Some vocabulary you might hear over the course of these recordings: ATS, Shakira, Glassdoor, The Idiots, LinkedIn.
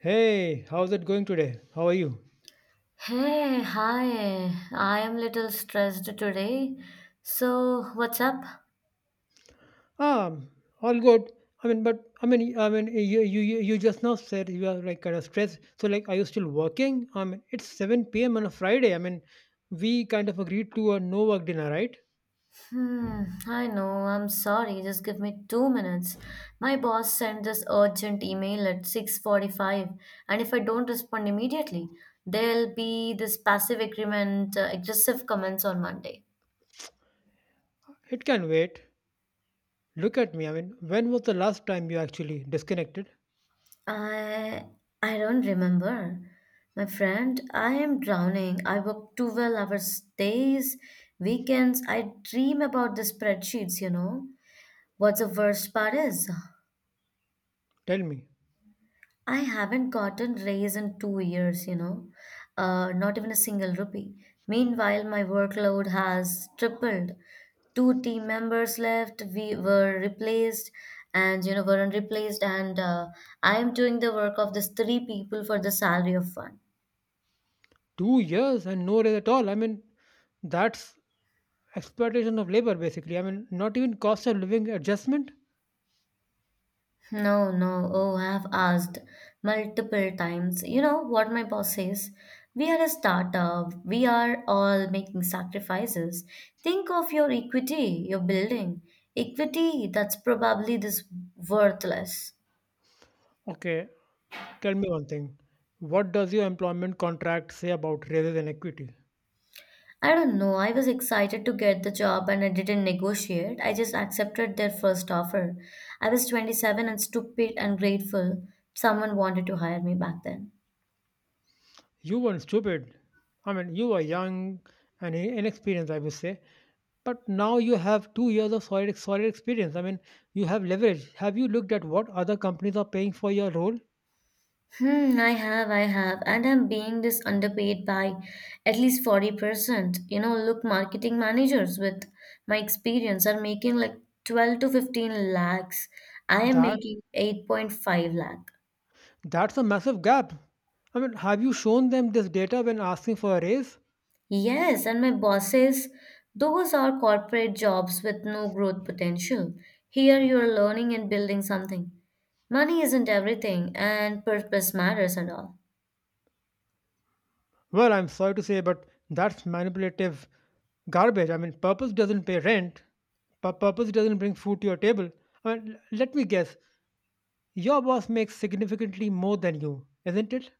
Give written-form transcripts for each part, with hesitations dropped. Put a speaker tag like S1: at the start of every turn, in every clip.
S1: Hey, how's it going today? How are you?
S2: Hey, hi. I am little stressed today. So, what's up?
S1: Um, all good. I mean, but I mean, you just now said you are like kind of stressed. So like, are you still working? I mean, it's 7 p.m. on a Friday. I mean, we kind of agreed to a no work dinner, right?
S2: Hmm, I know. I'm sorry. Just give me 2 minutes. My boss sent this urgent email at 6:45, and if I don't respond immediately, there'll be this passive agreement, aggressive comments on Monday.
S1: It can wait. Look at me. I mean, when was the last time you actually disconnected?
S2: I I don't remember. My friend, I am drowning. I work 12 hours days, weekends. I dream about the spreadsheets, you know. What's the worst part is?
S1: Tell me.
S2: I haven't gotten raise in 2 years, you know, not even a single rupee. Meanwhile, my workload has tripled. Two team members left, we were replaced, and you know, weren't replaced, and I am doing the work of these three people for the salary of one.
S1: 2 years and no raise at all. I mean, that's exploitation of labor basically. I mean, not even cost of living adjustment.
S2: No, no. Oh, I have asked multiple times. You know what my boss says? We are a startup. We are all making sacrifices. Think of your equity, your building. Equity, that's probably this worthless.
S1: Okay, tell me one thing. What does your employment contract say about raises and equity?
S2: I don't know. I was excited to get the job and I didn't negotiate. I just accepted their first offer. I was 27 and stupid and grateful someone wanted to hire me back then.
S1: You weren't stupid. I mean, you were young and inexperienced, I would say. But now you have 2 years of solid, solid experience. I mean, you have leverage. Have you looked at what other companies are paying for your role?
S2: Hmm, I have, and I'm being this underpaid by at least 40%. You know, look, marketing managers with my experience are making like 12 to 15 lakhs. I am
S1: That
S2: making 8.5 lakh.
S1: that's a massive gap. I mean, have you shown them this data when asking for a raise?
S2: Yes, and my boss says those are corporate jobs with no growth potential. Here you're learning and building something. Money isn't everything, and purpose matters and all.
S1: Well, I'm sorry to say, but that's manipulative garbage. I mean, purpose doesn't pay rent. Purpose doesn't bring food to your table. I mean, let me guess. Your boss makes significantly more than you, isn't it?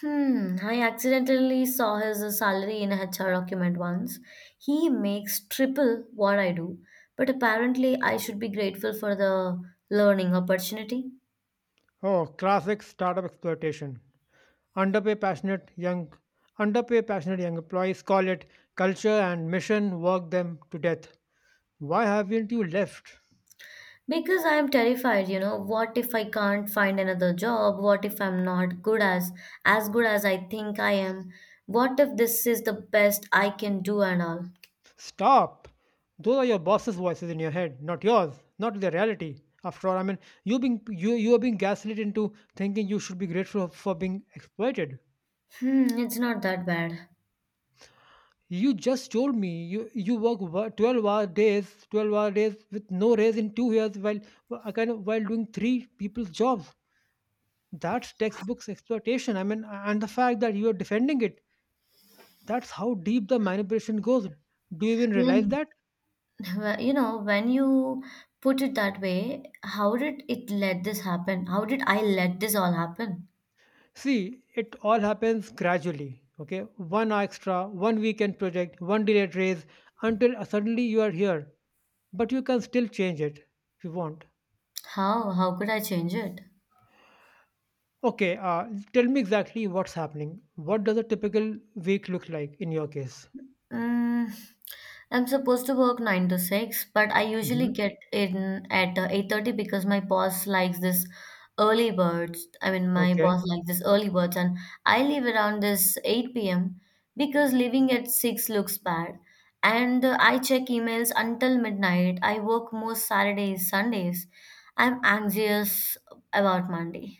S2: Hmm, I accidentally saw his salary in a HR document once. He makes triple what I do, but apparently I should be grateful for the learning opportunity.
S1: Oh, classic startup exploitation. Underpay passionate young, underpay passionate young employees. Call it culture and mission. Work them to death. Why haven't you left?
S2: Because I am terrified, you know, what if I can't find another job? What if I'm not good as good as I think I am? What if this is the best I can do and all?
S1: Stop! Those are your boss's voices in your head, not yours, not the reality. After all, I mean, you are being gaslit into thinking you should be grateful for being exploited.
S2: Hmm, it's not that bad.
S1: You just told me you work 12 hour days, 12 hour days with no raise in 2 years, while kind of while doing three people's jobs. That's textbooks exploitation. I mean, and the fact that you are defending it, that's how deep the manipulation goes. Do you even realize
S2: Yeah.
S1: that?
S2: Well, you know, when you put it that way, how did it let this happen? How did I let this all happen?
S1: See, it all happens gradually. Okay, 1 hour extra, one weekend project, one delayed raise, until suddenly you are here. But you can still change it if you want.
S2: How? How could I change it?
S1: Okay, tell me exactly what's happening. What does a typical week look like in your case?
S2: Mm, I'm supposed to work 9 to 6, but I usually
S1: Hmm.
S2: get in at 8:30 because my boss likes this early birds. I mean, my
S1: Okay,
S2: boss likes this early birds, and I leave around this 8 p.m. because leaving at 6 looks bad. And I check emails until midnight. I work most Saturdays, Sundays. I'm anxious about Monday.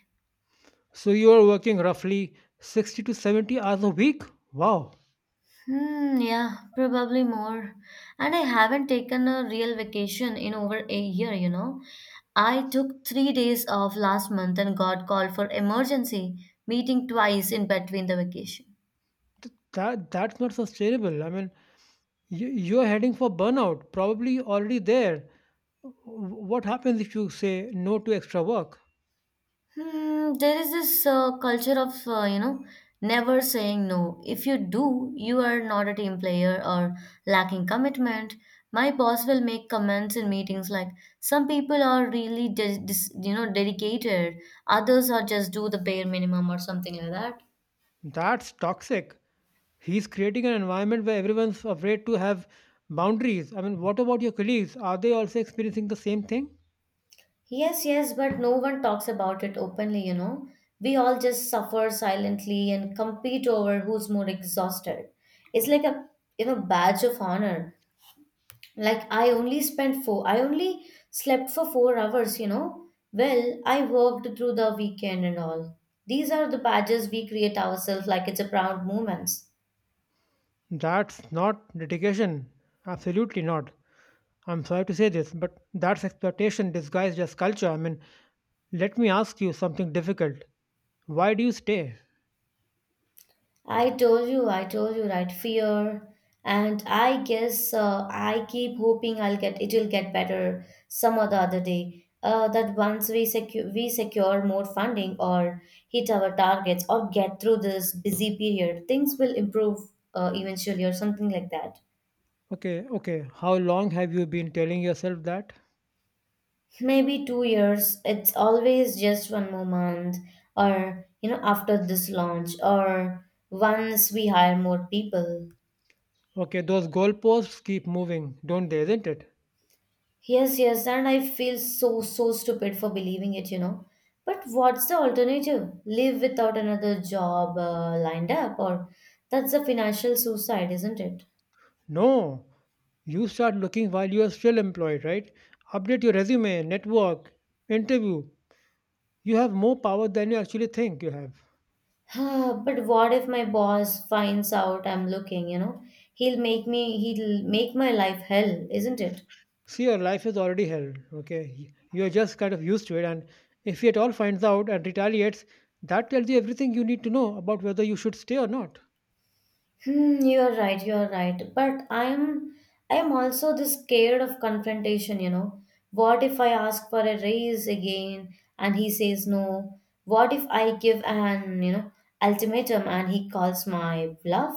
S1: so you are working roughly 60 to 70 hours a week. Wow.
S2: Hmm, yeah, probably more. And I haven't taken a real vacation in over a year, you know. I took 3 days off last month and got called for emergency meeting twice in between the vacation.
S1: That's not sustainable. I mean, you're heading for burnout, probably already there. What happens if you say no to extra work?
S2: Hmm, there is this culture of never saying no. If you do, you are not a team player or lacking commitment. My boss will make comments in meetings like some people are really dedicated, others are just do the bare minimum or something like that.
S1: That's toxic. He's creating an environment where everyone's afraid to have boundaries. I mean, what about your colleagues? Are they also experiencing the same thing?
S2: Yes, yes, but no one talks about it openly, you know. We all just suffer silently and compete over who's more exhausted. It's like a, you know, badge of honor. Like, I only slept for 4 hours, you know. Well, I worked through the weekend and all. These are the badges we create ourselves, like it's a proud moments.
S1: That's not dedication. Absolutely not. I'm sorry to say this, but that's exploitation disguised as culture. I mean, let me ask you something difficult. Why do you stay?
S2: I told you, right, fear. And I guess, I keep hoping I'll get it will get better some or the other day, that once we secure more funding or hit our targets or get through this busy period, things will improve, eventually or something like that.
S1: Okay, okay. How long have you been telling yourself that?
S2: Maybe 2 years. It's always just one more month, or, you know, after this launch, or once we hire more people.
S1: Okay, those goalposts keep moving, don't they, isn't it?
S2: Yes, yes, and I feel so so stupid for believing it, you know. But what's the alternative? Live without another job, lined up, or that's a financial suicide, isn't it?
S1: No. You start looking while you are still employed, right? Update your resume, network, interview. You have more power than you actually think you have.
S2: But what if my boss finds out I'm looking, you know? He'll make my life hell, isn't it?
S1: See, your life is already hell, okay? You're just kind of used to it, and if he at all finds out and retaliates, that tells you everything you need to know about whether you should stay or not.
S2: Hmm, you're right, you're right. But I'm also this scared of confrontation, you know. What if I ask for a raise again and he says no? What if I give an, you know, ultimatum and he calls my bluff?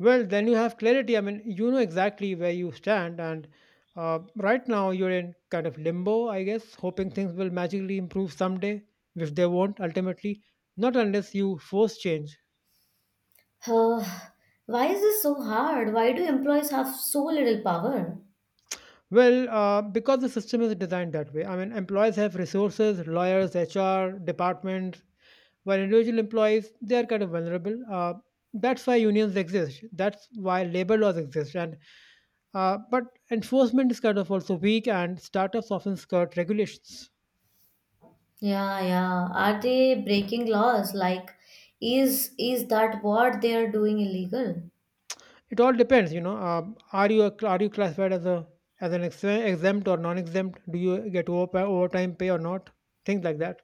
S1: Well, then you have clarity. I mean, you know exactly where you stand, and right now you're in kind of limbo, I guess, hoping things will magically improve someday, which they won't ultimately, not unless you force change.
S2: Uh, why is this so hard? Why do employees have so little power?
S1: Well, because the system is designed that way. I mean, employees have resources, lawyers, HR, departments, while individual employees, they are kind of vulnerable. That's why unions exist. That's why labor laws exist. And but enforcement is kind of also weak, and startups often skirt regulations.
S2: Yeah, yeah. Are they breaking laws? Like, is that what they are doing illegal?
S1: It all depends. Are you a, are you classified as a as an exempt or non-exempt? Do you get overtime pay or not? Things like that.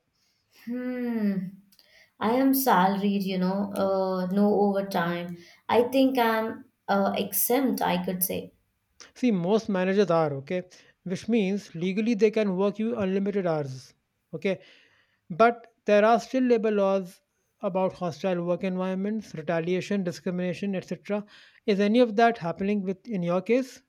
S2: Hmm. I am salaried, you know, no overtime. I think I'm exempt, I could say.
S1: See, most managers are okay, which means legally they can work you unlimited hours. Okay, but there are still labor laws about hostile work environments, retaliation, discrimination, etc. Is any of that happening with in your case?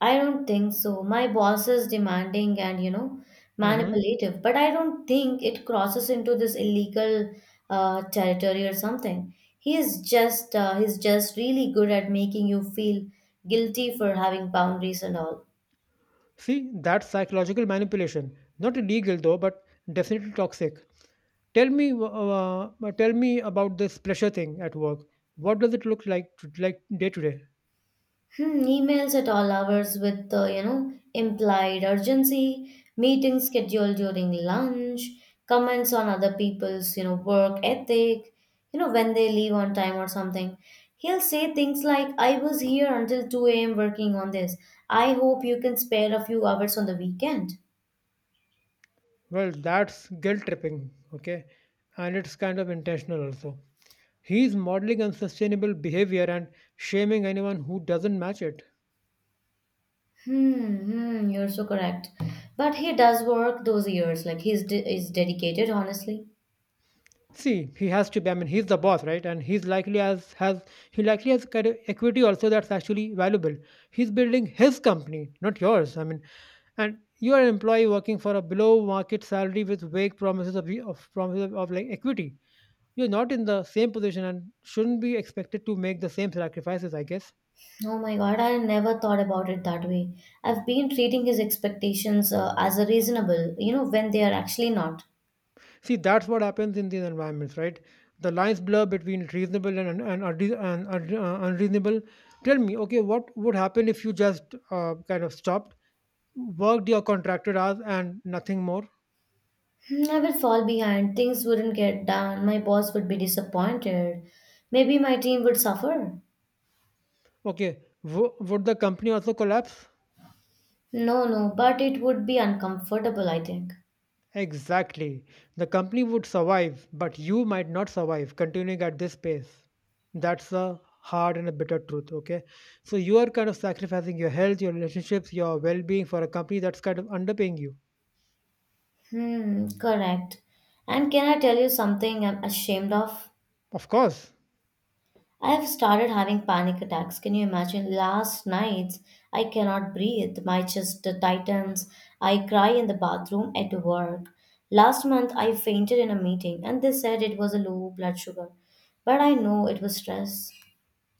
S2: I don't think so. My boss is demanding and, you know,
S1: hmm
S2: manipulative, but I don't think it crosses into this illegal territory or something. He is just, he's just really good at making you feel guilty for having boundaries and all.
S1: See, that's psychological manipulation. Not illegal though, but definitely toxic. Tell me about this pressure thing at work. What does it look like, like day to day?
S2: Hmm, emails at all hours with the implied urgency, meetings scheduled during lunch, comments on other people's work ethic, you know, when they leave on time or something. He'll say things like, "I was here until two a.m. working on this. I hope you can spare a few hours on the weekend."
S1: Well, that's guilt tripping, okay? And it's kind of intentional also. He's modeling unsustainable behavior and shaming anyone who doesn't match it.
S2: Hmm, hmm, you're so correct. But he does work those years. Like, he's de- is dedicated, honestly.
S1: See, he has to be. I mean, he's the boss, right? And he likely has kind of equity also that's actually valuable. He's building his company, not yours. I mean, and you are an employee working for a below market salary with vague promises of like equity. You're not in the same position and shouldn't be expected to make the same sacrifices, I guess.
S2: Oh my God, I never thought about it that way. I've been treating his expectations as a reasonable, you know, when they are actually not.
S1: See, that's what happens in these environments, right? The lines blur between reasonable and unreasonable. Tell me, okay, what would happen if you just kind of stopped, worked your contracted hours and nothing more?
S2: Hmm, I will fall behind, things wouldn't get done, my boss would be disappointed, maybe my team would suffer.
S1: Okay, would the company also collapse?
S2: No, no, but it would be uncomfortable, I think.
S1: Exactly. The company would survive, but you might not survive continuing at this pace. That's the hard and a bitter truth, okay? So you are kind of sacrificing your health, your relationships, your well being for a company that's kind of underpaying you.
S2: Hmm, correct. And can I tell you something I'm ashamed of?
S1: Of course.
S2: I've started having panic attacks. Can you imagine? Last nights, I cannot breathe. My chest tightens. I cry in the bathroom at work. Last month, I fainted in a meeting, and they said it was a low blood sugar. But I know it was stress.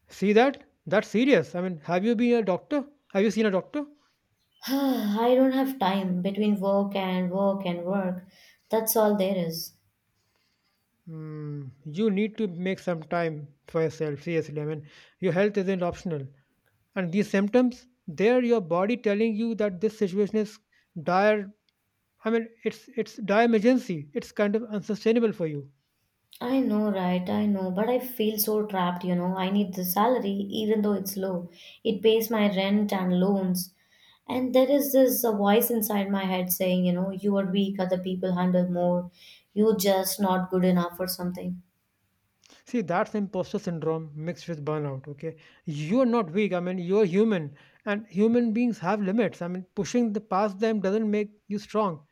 S1: See that? That's serious. I mean, have you been a doctor? Have you seen a doctor?
S2: I don't have time between work and work and work. That's all there is.
S1: You need to make some time for yourself, seriously. I mean, your health isn't optional. And these symptoms, they're your body telling you that this situation is dire. I mean, it's dire emergency. It's kind of unsustainable for you.
S2: I know, right? I know, but I feel so trapped, you know. I need the salary, even though it's low. It pays my rent and loans. And there is this voice inside my head saying, you know, you are weak, other people handle more. You're just not good enough or something.
S1: See, that's imposter syndrome mixed with burnout. Okay, you're not weak. I mean, you're human, and human beings have limits. I mean, pushing the past them doesn't make you strong;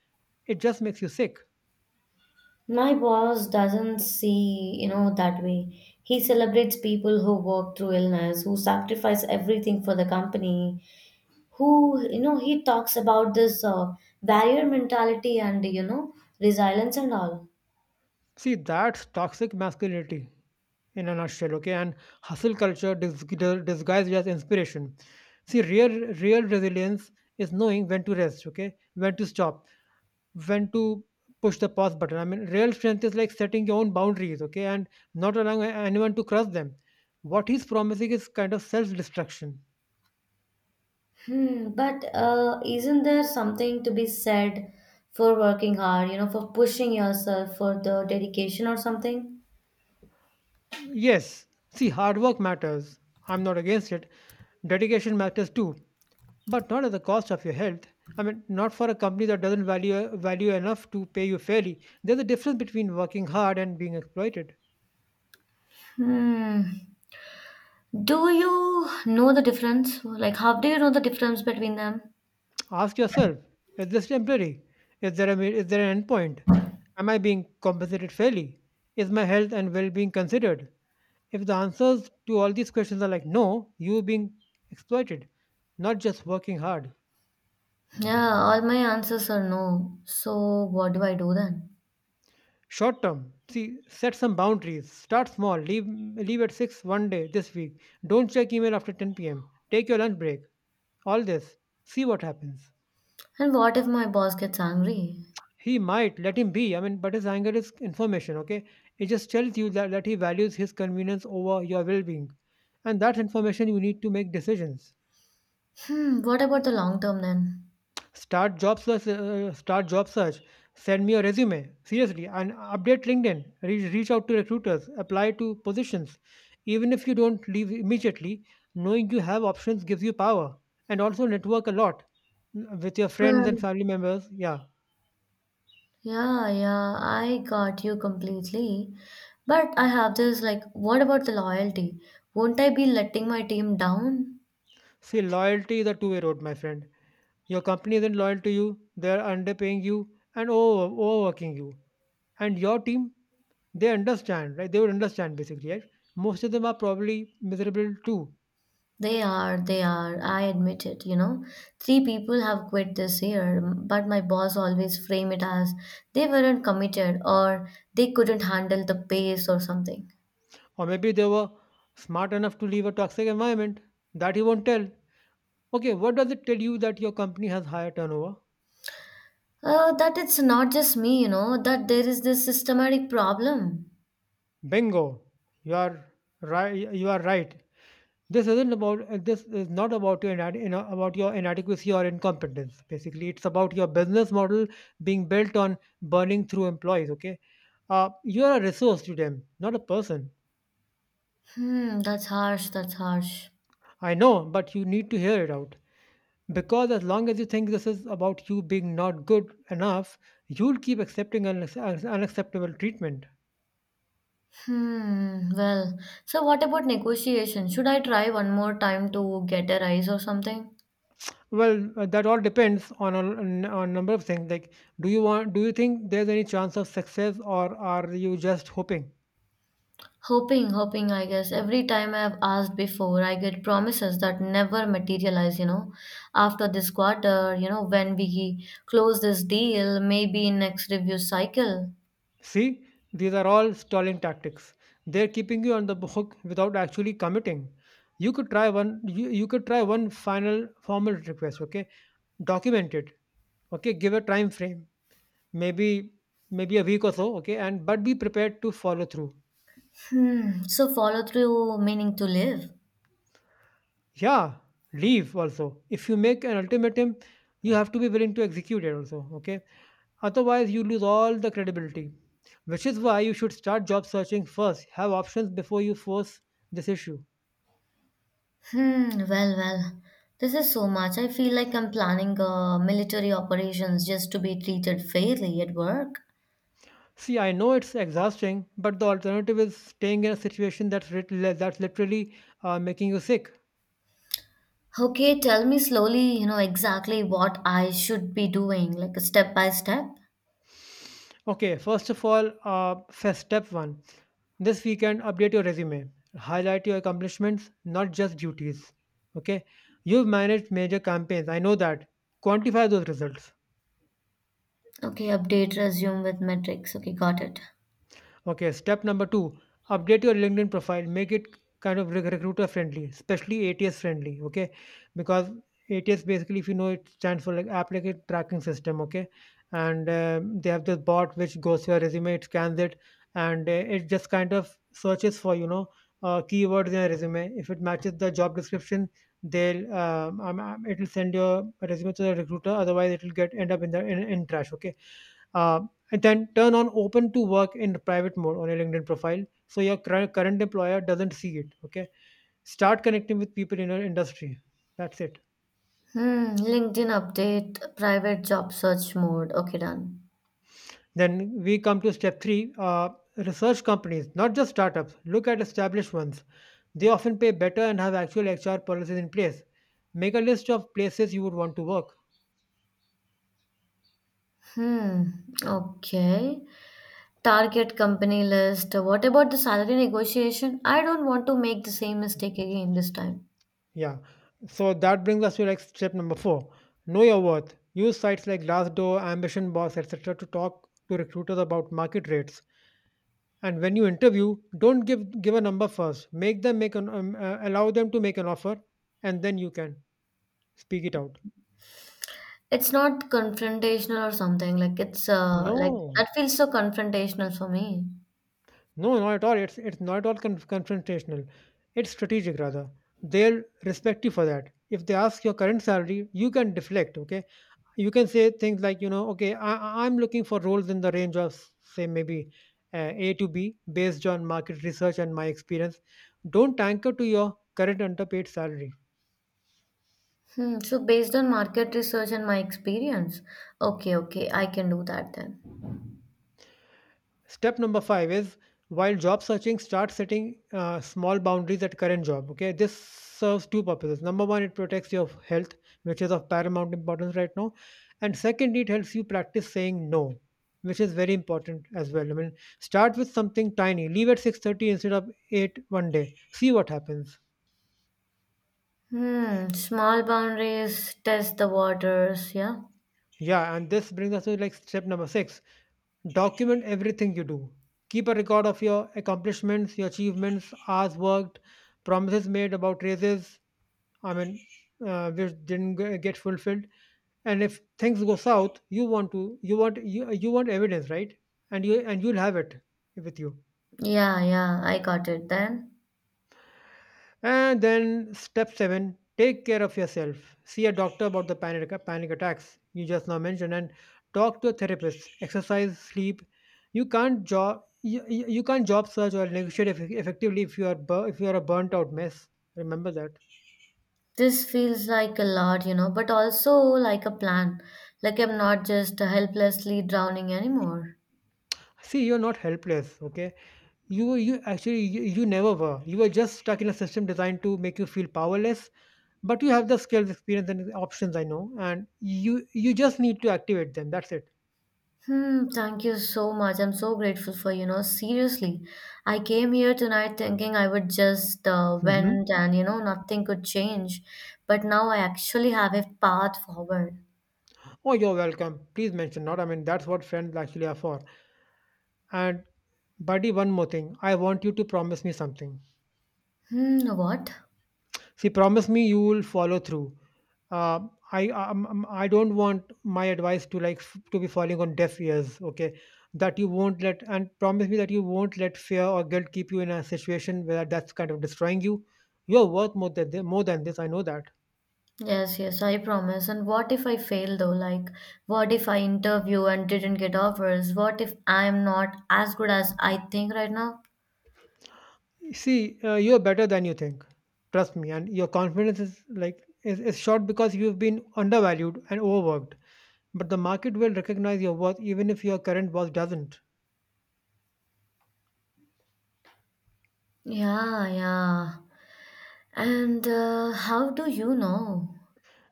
S1: it just makes you sick.
S2: My boss doesn't see, you know, that way. He celebrates people who work through illness, who sacrifice everything for the company, who, you know, he talks about this barrier mentality and, you know, resilience and all.
S1: See, that's toxic masculinity in a nutshell. Okay, and hustle culture disguised as inspiration. See, real resilience is knowing when to rest. Okay, when to stop, when to push the pause button. I mean, real strength is like setting your own boundaries, okay, and not allowing anyone to cross them. What he's promising is kind of self destruction.
S2: Hmm, but isn't there something to be said for working hard, you know, for pushing yourself, for the dedication or something?
S1: Yes, see, hard work matters. I'm not against it. Dedication matters too, but not at the cost of your health. I mean, not for a company that doesn't value enough to pay you fairly. There's a difference between working hard and being exploited.
S2: Hmm. Do you know the difference? Like, how do you know the difference between them?
S1: Ask yourself, is this temporary? Is there an endpoint? Am I being compensated fairly? Is my health and well being considered? If the answers to all these questions are like no, you're being exploited, not just working hard.
S2: Yeah, all my answers are no. So, what do I do then?
S1: Short term, see, set some boundaries. Start small. Leave at 6 one day this week. Don't check email after 10 p.m. Take your lunch break. All this. See what happens.
S2: And what if my boss gets angry?
S1: He might let him be. I mean, but his anger is information, okay? It just tells you that he values his convenience over your well being. And that information you need to make decisions.
S2: Hmm, what about the long term then?
S1: Start job search. Send me a resume, seriously, and update LinkedIn. Reach out to recruiters, apply to positions. Even if you don't leave immediately, knowing you have options gives you power. And also network a lot with your friends and
S2: But,
S1: family members. Yeah.
S2: yeah, yeah, I got you completely. But I have this, like, what about the loyalty? Won't I be letting my team down?
S1: See, loyalty is a two-way road, my friend. Your company isn't loyal to you, they're underpaying you and overworking you. And your team, they understand, right? They would understand basically, right? Most of them are probably miserable too.
S2: They are, they are. I admit it, you know. Three people have quit this year, but my boss always frame it as they weren't committed or they couldn't handle the pace or something.
S1: Or maybe they were smart enough to leave a toxic environment. That you won't tell. Okay, what does it tell you that your company has higher turnover?
S2: That it's not just me, you know, that there is this systematic problem.
S1: Bingo. You are right you are right. This isn't about this is not about your inad- you know, about your inadequacy or incompetence. Basically, it's about your business model being built on burning through employees. Okay, you're a resource to them, not a person.
S2: Hmm, that's harsh, that's harsh.
S1: I know, but you need to hear it out. Because as long as you think this is about you being not good enough, you'll keep accepting unacceptable treatment.
S2: Hmm. Well, so what about negotiation? Should I try one more time to get a rise or something?
S1: Well, that all depends on a number of things. Like, do you want? Do you think there's any chance of success, or are you just hoping?
S2: Hoping, hoping, I guess. Every time I've asked before, I get promises that never materialize, you know. After this quarter, you know, when we close this deal, maybe in next review cycle.
S1: See, these are all stalling tactics. They're keeping you on the hook without actually committing. You could try one. You could try one final formal request. Okay, document it. Okay, give a time frame. Maybe maybe a week or so. Okay, and but be prepared to follow through.
S2: Hmm. So follow through meaning to live.
S1: Yeah, leave also. If you make an ultimatum, you have to be willing to execute it also. Okay, otherwise you lose all the credibility. Which is why you should start job searching first. Have options before you force this issue.
S2: Hmm. Well, well. This is so much. I feel like I'm planning military operations just to be treated fairly at work.
S1: See, I know it's exhausting, but the alternative is staying in a situation that's that's literally making you sick.
S2: Okay, tell me slowly, you know, exactly what I should be doing, like a step by step.
S1: Okay, first of all, first step one: this weekend, update your resume, highlight your accomplishments, not just duties. Okay, you've managed major campaigns. I know that. Quantify those results.
S2: Okay, update resume with metrics. Okay, got it.
S1: Okay, step number two, update your LinkedIn profile. Make it kind of recruiter friendly, especially ATS friendly. Okay, because ATS basically, if you know, it stands for like applicant tracking system. Okay, and they have this bot which goes to your resume, it scans it, and it just kind of searches for keywords in your resume. If it matches the job description, they'll it'll send your resume to the recruiter. Otherwise, it'll get end up in the in trash. Okay, uh, and then turn on open to work in private mode on your LinkedIn profile so your current employer doesn't see it. Okay, start connecting with people in your industry. That's it.
S2: Hmm, LinkedIn update, private job search mode. Okay, done.
S1: Then we come to step three. Research companies, not just startups. Look at established ones. They often pay better and have actual HR policies in place. Make a list of places you would want to work.
S2: Hmm, okay. Target company list. What about the salary negotiation? I don't want to make the same mistake again this time.
S1: Yeah, so that brings us to like step number four. Know your worth. Use sites like Glassdoor, Ambition Boss, etc. to talk to recruiters about market rates. And when you interview, don't give a number first. Make them make an allow them to make an offer, and then you can speak it out.
S2: It's not confrontational or something. Like, it's like
S1: No,
S2: that feels so confrontational for me.
S1: no, not at all. It's not at all confrontational. It's strategic rather. They'll respect you for that. If they ask your current salary, you can deflect. Okay, you can say things like, okay, I'm looking for roles in the range of, say, maybe, a to b, based on market research and my experience. Don't anchor to your current underpaid salary.
S2: Hmm, so based on market research and my experience, okay, okay, I can do that then.
S1: Step number five is, while job searching, start setting small boundaries at current job. Okay, this serves two purposes. Number one, it protects your health, which is of paramount importance right now. And second, it helps you practice saying no, which is very important as well. I mean, start with something tiny. Leave at 6:30 instead of 8 one day. See what happens.
S2: Hmm, small boundaries, test the waters, yeah.
S1: Yeah, and this brings us to like step number six. Document everything you do. Keep a record of your accomplishments, your achievements, hours worked, promises made about raises, I mean, which didn't get fulfilled. And if things go south, you want evidence, right? And you'll have it with you.
S2: Yeah, yeah, I got it then.
S1: And then step seven, take care of yourself. See a doctor about the panic attacks you just now mentioned, and talk to a therapist. Exercise, sleep. You can't job search or negotiate effectively if you are a burnt out mess. Remember that.
S2: This feels like a lot, you know, but also like a plan. Like, I'm not just helplessly drowning anymore.
S1: See, you're not helpless, okay? You actually you, you never were. You were just stuck in a system designed to make you feel powerless, but you have the skills, experience and options, I know, and you just need to activate them. That's it.
S2: Hmm, thank you so much. I'm so grateful for, you know, seriously. I came here tonight thinking I would just vent and, you know, nothing could change. But now I actually have a path forward.
S1: Oh, you're welcome. Please mention not. I mean, that's what friends actually are for. And, buddy, one more thing. I want you to promise me something.
S2: Hmm, what?
S1: See, promise me you will follow through. Uh, I don't want my advice to like to be falling on deaf ears. Okay, that you won't let and promise me that you won't let fear or guilt keep you in a situation where that's kind of destroying you. You're worth more than this. I know that.
S2: Yes, yes, I promise. And what if I fail though? Like, what if I interview and didn't get offers? What if I'm not as good as I think right now?
S1: See, you're better than you think. Trust me, and your confidence is short because you've been undervalued and overworked. But the market will recognize your worth even if your current boss doesn't.
S2: Yeah, yeah. And how do you know?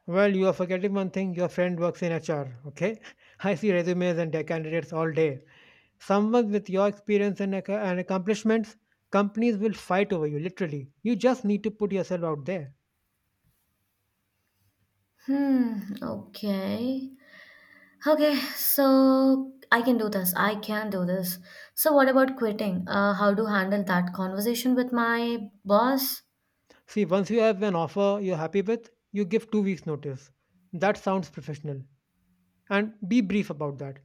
S1: Well, you are forgetting one thing, your friend works in HR, okay? I see resumes and their candidates all day. Someone with your experience and accomplishments, companies will fight over you, literally. You just need to put yourself out there.
S2: Hmm, okay. Okay, so I can do this. I can do this. So what about quitting? How to handle that conversation with my boss?
S1: See, once you have an offer you're happy with, you give 2 weeks' notice. That sounds professional, and be brief about that.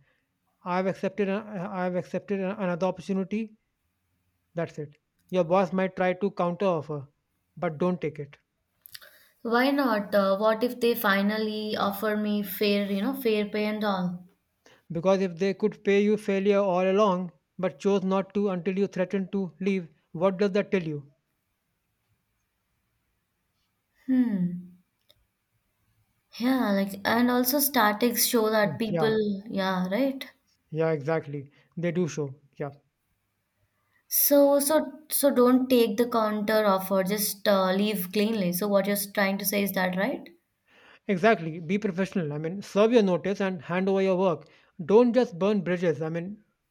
S1: i've accepted a- I have accepted another opportunity. That's it. Your boss might try to counter offer, but don't take it.
S2: Why not? What if they finally offer me fair, you know, fair pay and all?
S1: Because if they could pay you failure all along but chose not to until you threatened to leave, what does that tell you?
S2: Hmm. Yeah, like and also statics show
S1: Hmm.
S2: that people,
S1: Yeah,
S2: yeah, right.
S1: yeah, exactly, they do show. Yeah.
S2: So don't take the counter offer. Just leave cleanly. So what you're trying to say is that right?
S1: Exactly, be professional, I mean. Serve your notice and hand over your work. Don't just burn bridges, I mean.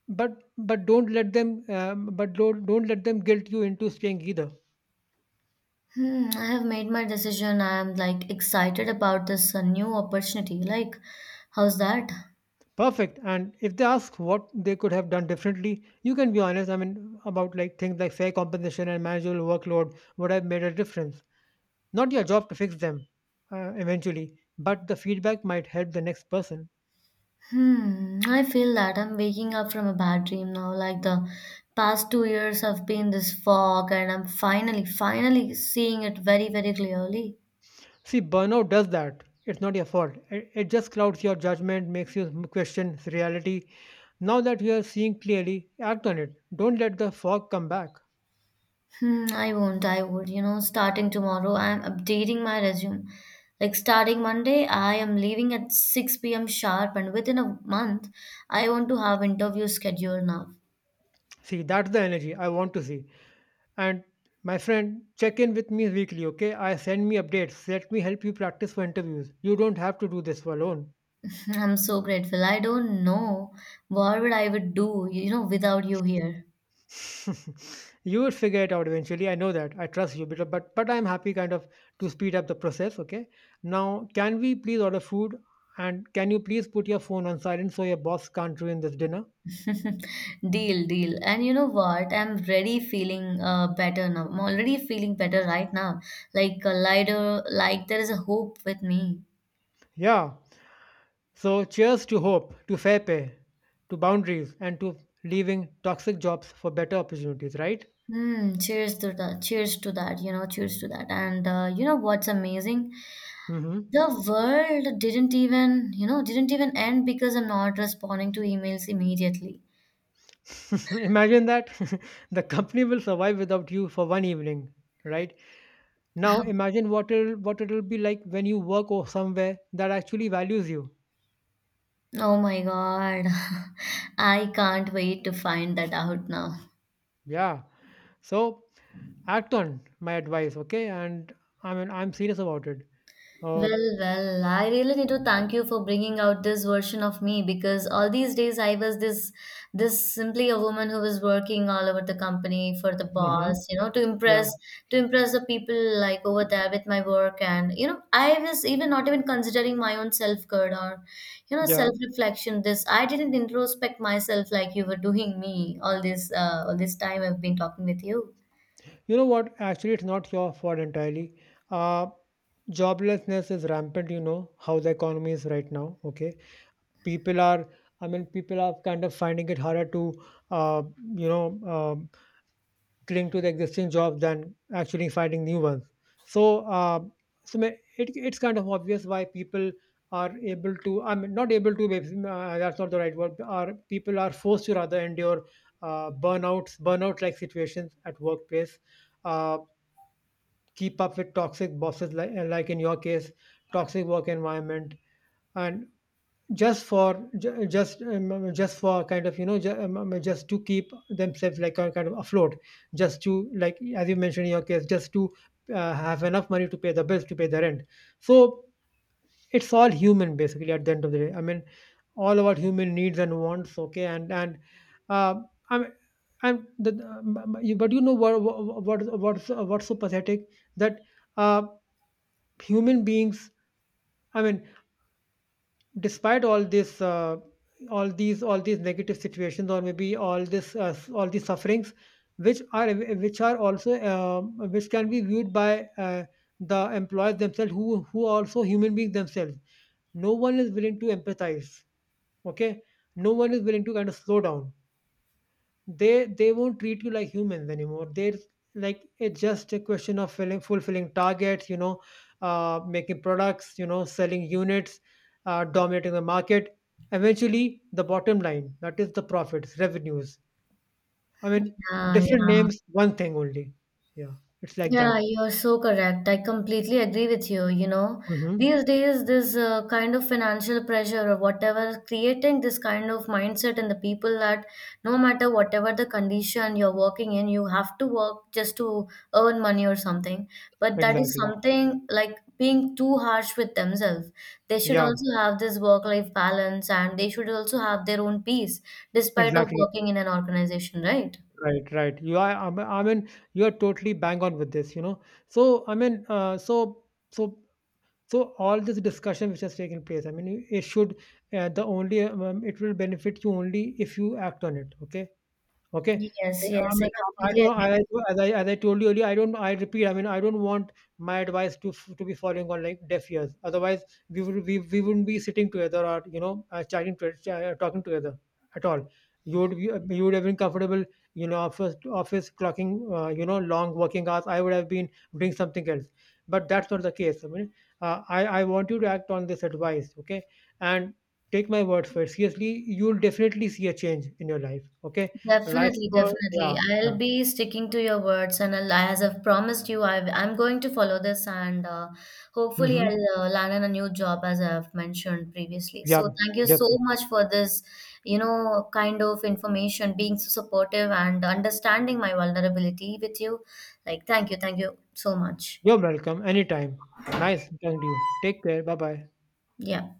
S1: But but don't let them um, but don't, don't let them guilt you into staying either.
S2: Hmm, I have made my decision. I am, like, excited about this new opportunity. Like, how's that?
S1: Perfect. And if they ask what they could have done differently, you can be honest. I mean, about like things like fair compensation and manageable workload would have made a difference. Not your job to fix them eventually, but the feedback might help the next person.
S2: Hmm, I feel that I'm waking up from a bad dream now. Like, the past 2 years have been this fog, and I'm finally, finally seeing it very, very clearly.
S1: See, burnout does that. It's not your fault. It just clouds your judgment, makes you question reality. Now that you are seeing clearly, act on it. Don't let the fog come back.
S2: Hmm, I won't, I would. You know, starting tomorrow, I'm updating my resume. Like, starting Monday, I am leaving at 6 p.m. sharp, and within a month, I want to have interview scheduled now.
S1: See, that's the energy I want to see. And, my friend, check in with me weekly, okay? I send me updates. Let me help you practice for interviews. You don't have to do this alone.
S2: I'm so grateful. I don't know what would I would do, you know, without you here.
S1: You will figure it out eventually. I know that. I trust you, but but I'm happy kind of to speed up the process, okay? Now, can we please order food? And can you please put your phone on silent so your boss can't ruin this dinner?
S2: Deal, deal. And you know what? I'm really feeling better now. I'm already feeling better right now. Like, a lighter, like there is a hope with me.
S1: Yeah. So cheers to hope, to fair pay, to boundaries, and to leaving toxic jobs for better opportunities, right?
S2: Hmm. Cheers to that. Cheers to that. You know, cheers to that. And you know what's amazing?
S1: Mm-hmm.
S2: The world didn't even, you know, didn't even end because I'm not responding to emails immediately.
S1: Imagine that. The company will survive without you for one evening, right? Now imagine what it'll be like when you work or somewhere that actually values you.
S2: Oh my God. I can't wait to find that out now.
S1: Yeah. So act on my advice, okay? And I mean, I'm serious about it. Uh,
S2: Well, well, I really need to thank you for bringing out this version of me because all these days I was this simply a woman who was working all over the company for the
S1: hmm,
S2: boss, you know, to
S1: yeah,
S2: impress the people like over there with my work, and you know, I was even not even considering my own self-care, or, you know,
S1: yeah.
S2: self-reflection. This I didn't introspect myself like you were doing me all this time I've been talking with you.
S1: You know what? Actually, it's not your fault entirely. Uh, Joblessness is rampant. You know how the economy is right now. Okay, people are people are kind of finding it harder to uh, you know um, cling to the existing jobs than actually finding new ones. So, uh, so it's kind of obvious why people are able to, I mean, not able to, that's not the right word, are people are forced to rather endure, burnout like situations at workplace. uh, Keep up with toxic bosses, like in your case, toxic work environment. And just for ju- just for kind of you know ju- just to keep themselves like kind of afloat, just to, like, as you mentioned in your case, just to have enough money to pay the bills, to pay the rent. So it's all human, basically, at the end of the day, I mean, all about human needs and wants. Okay, and uh, i'm but you know what, what's so pathetic, that uh, human beings, I mean, despite all this, all these negative situations, or maybe all this, all these sufferings, which are also, which can be viewed by, the employers themselves, who are also human beings themselves. No one is willing to empathize. Okay, no one is willing to kind of slow down. They won't treat you like humans anymore. They're like, it's just a question of fulfilling targets, you know, making products, you know, selling units, dominating the market, eventually the bottom line, that is the profits, revenues, I mean,
S2: Yeah,
S1: different
S2: yeah,
S1: names, one thing only. Yeah, it's like
S2: yeah,
S1: that.
S2: you're so correct. I completely agree with you. You know,
S1: Hmm,
S2: these days, this kind of financial pressure or whatever, is creating this kind of mindset in the people that no matter whatever the condition you're working in, you have to work just to earn money or something. But that is
S1: exactly.
S2: something like being too harsh with themselves. They should
S1: Yeah,
S2: also have this work-life balance and they should also have their own peace despite of
S1: exactly.
S2: working in an organization, right?
S1: Right, you are. I mean, you are totally bang on with this, you know. So, I mean, so So all this discussion which has taken place, I mean, it should, the only, it will benefit you only if you act on it. Okay. Okay.
S2: Yes,
S1: I
S2: yes, I
S1: mean, I
S2: completely
S1: don't,
S2: agree.
S1: I, as I, as I told you earlier, I don't, I repeat, I mean, I don't want my advice to, to be falling on like deaf ears. Otherwise, we wouldn't be sitting together, or, talking together at all. You would, you would have been comfortable, you know, office clocking, you know, long working hours. I would have been doing something else, but that's not the case. I mean, I want you to act on this advice. Okay. And take my word for it. Seriously, you'll definitely see a change in your life. Okay. Life
S2: Definitely,
S1: goal,
S2: definitely.
S1: yeah, yeah.
S2: I'll be sticking to your words, and I'll, as I've promised you, I've, I'm going to follow this, and hopefully,
S1: Mm-hmm.
S2: I'll land in a new job as I've mentioned previously.
S1: Yeah,
S2: So, thank you so
S1: definitely.
S2: much for this, you know, kind of information, being so supportive and understanding my vulnerability with you. Like, thank you so much.
S1: You're welcome anytime. Nice talking to you. Take care. Bye bye.
S2: Yeah.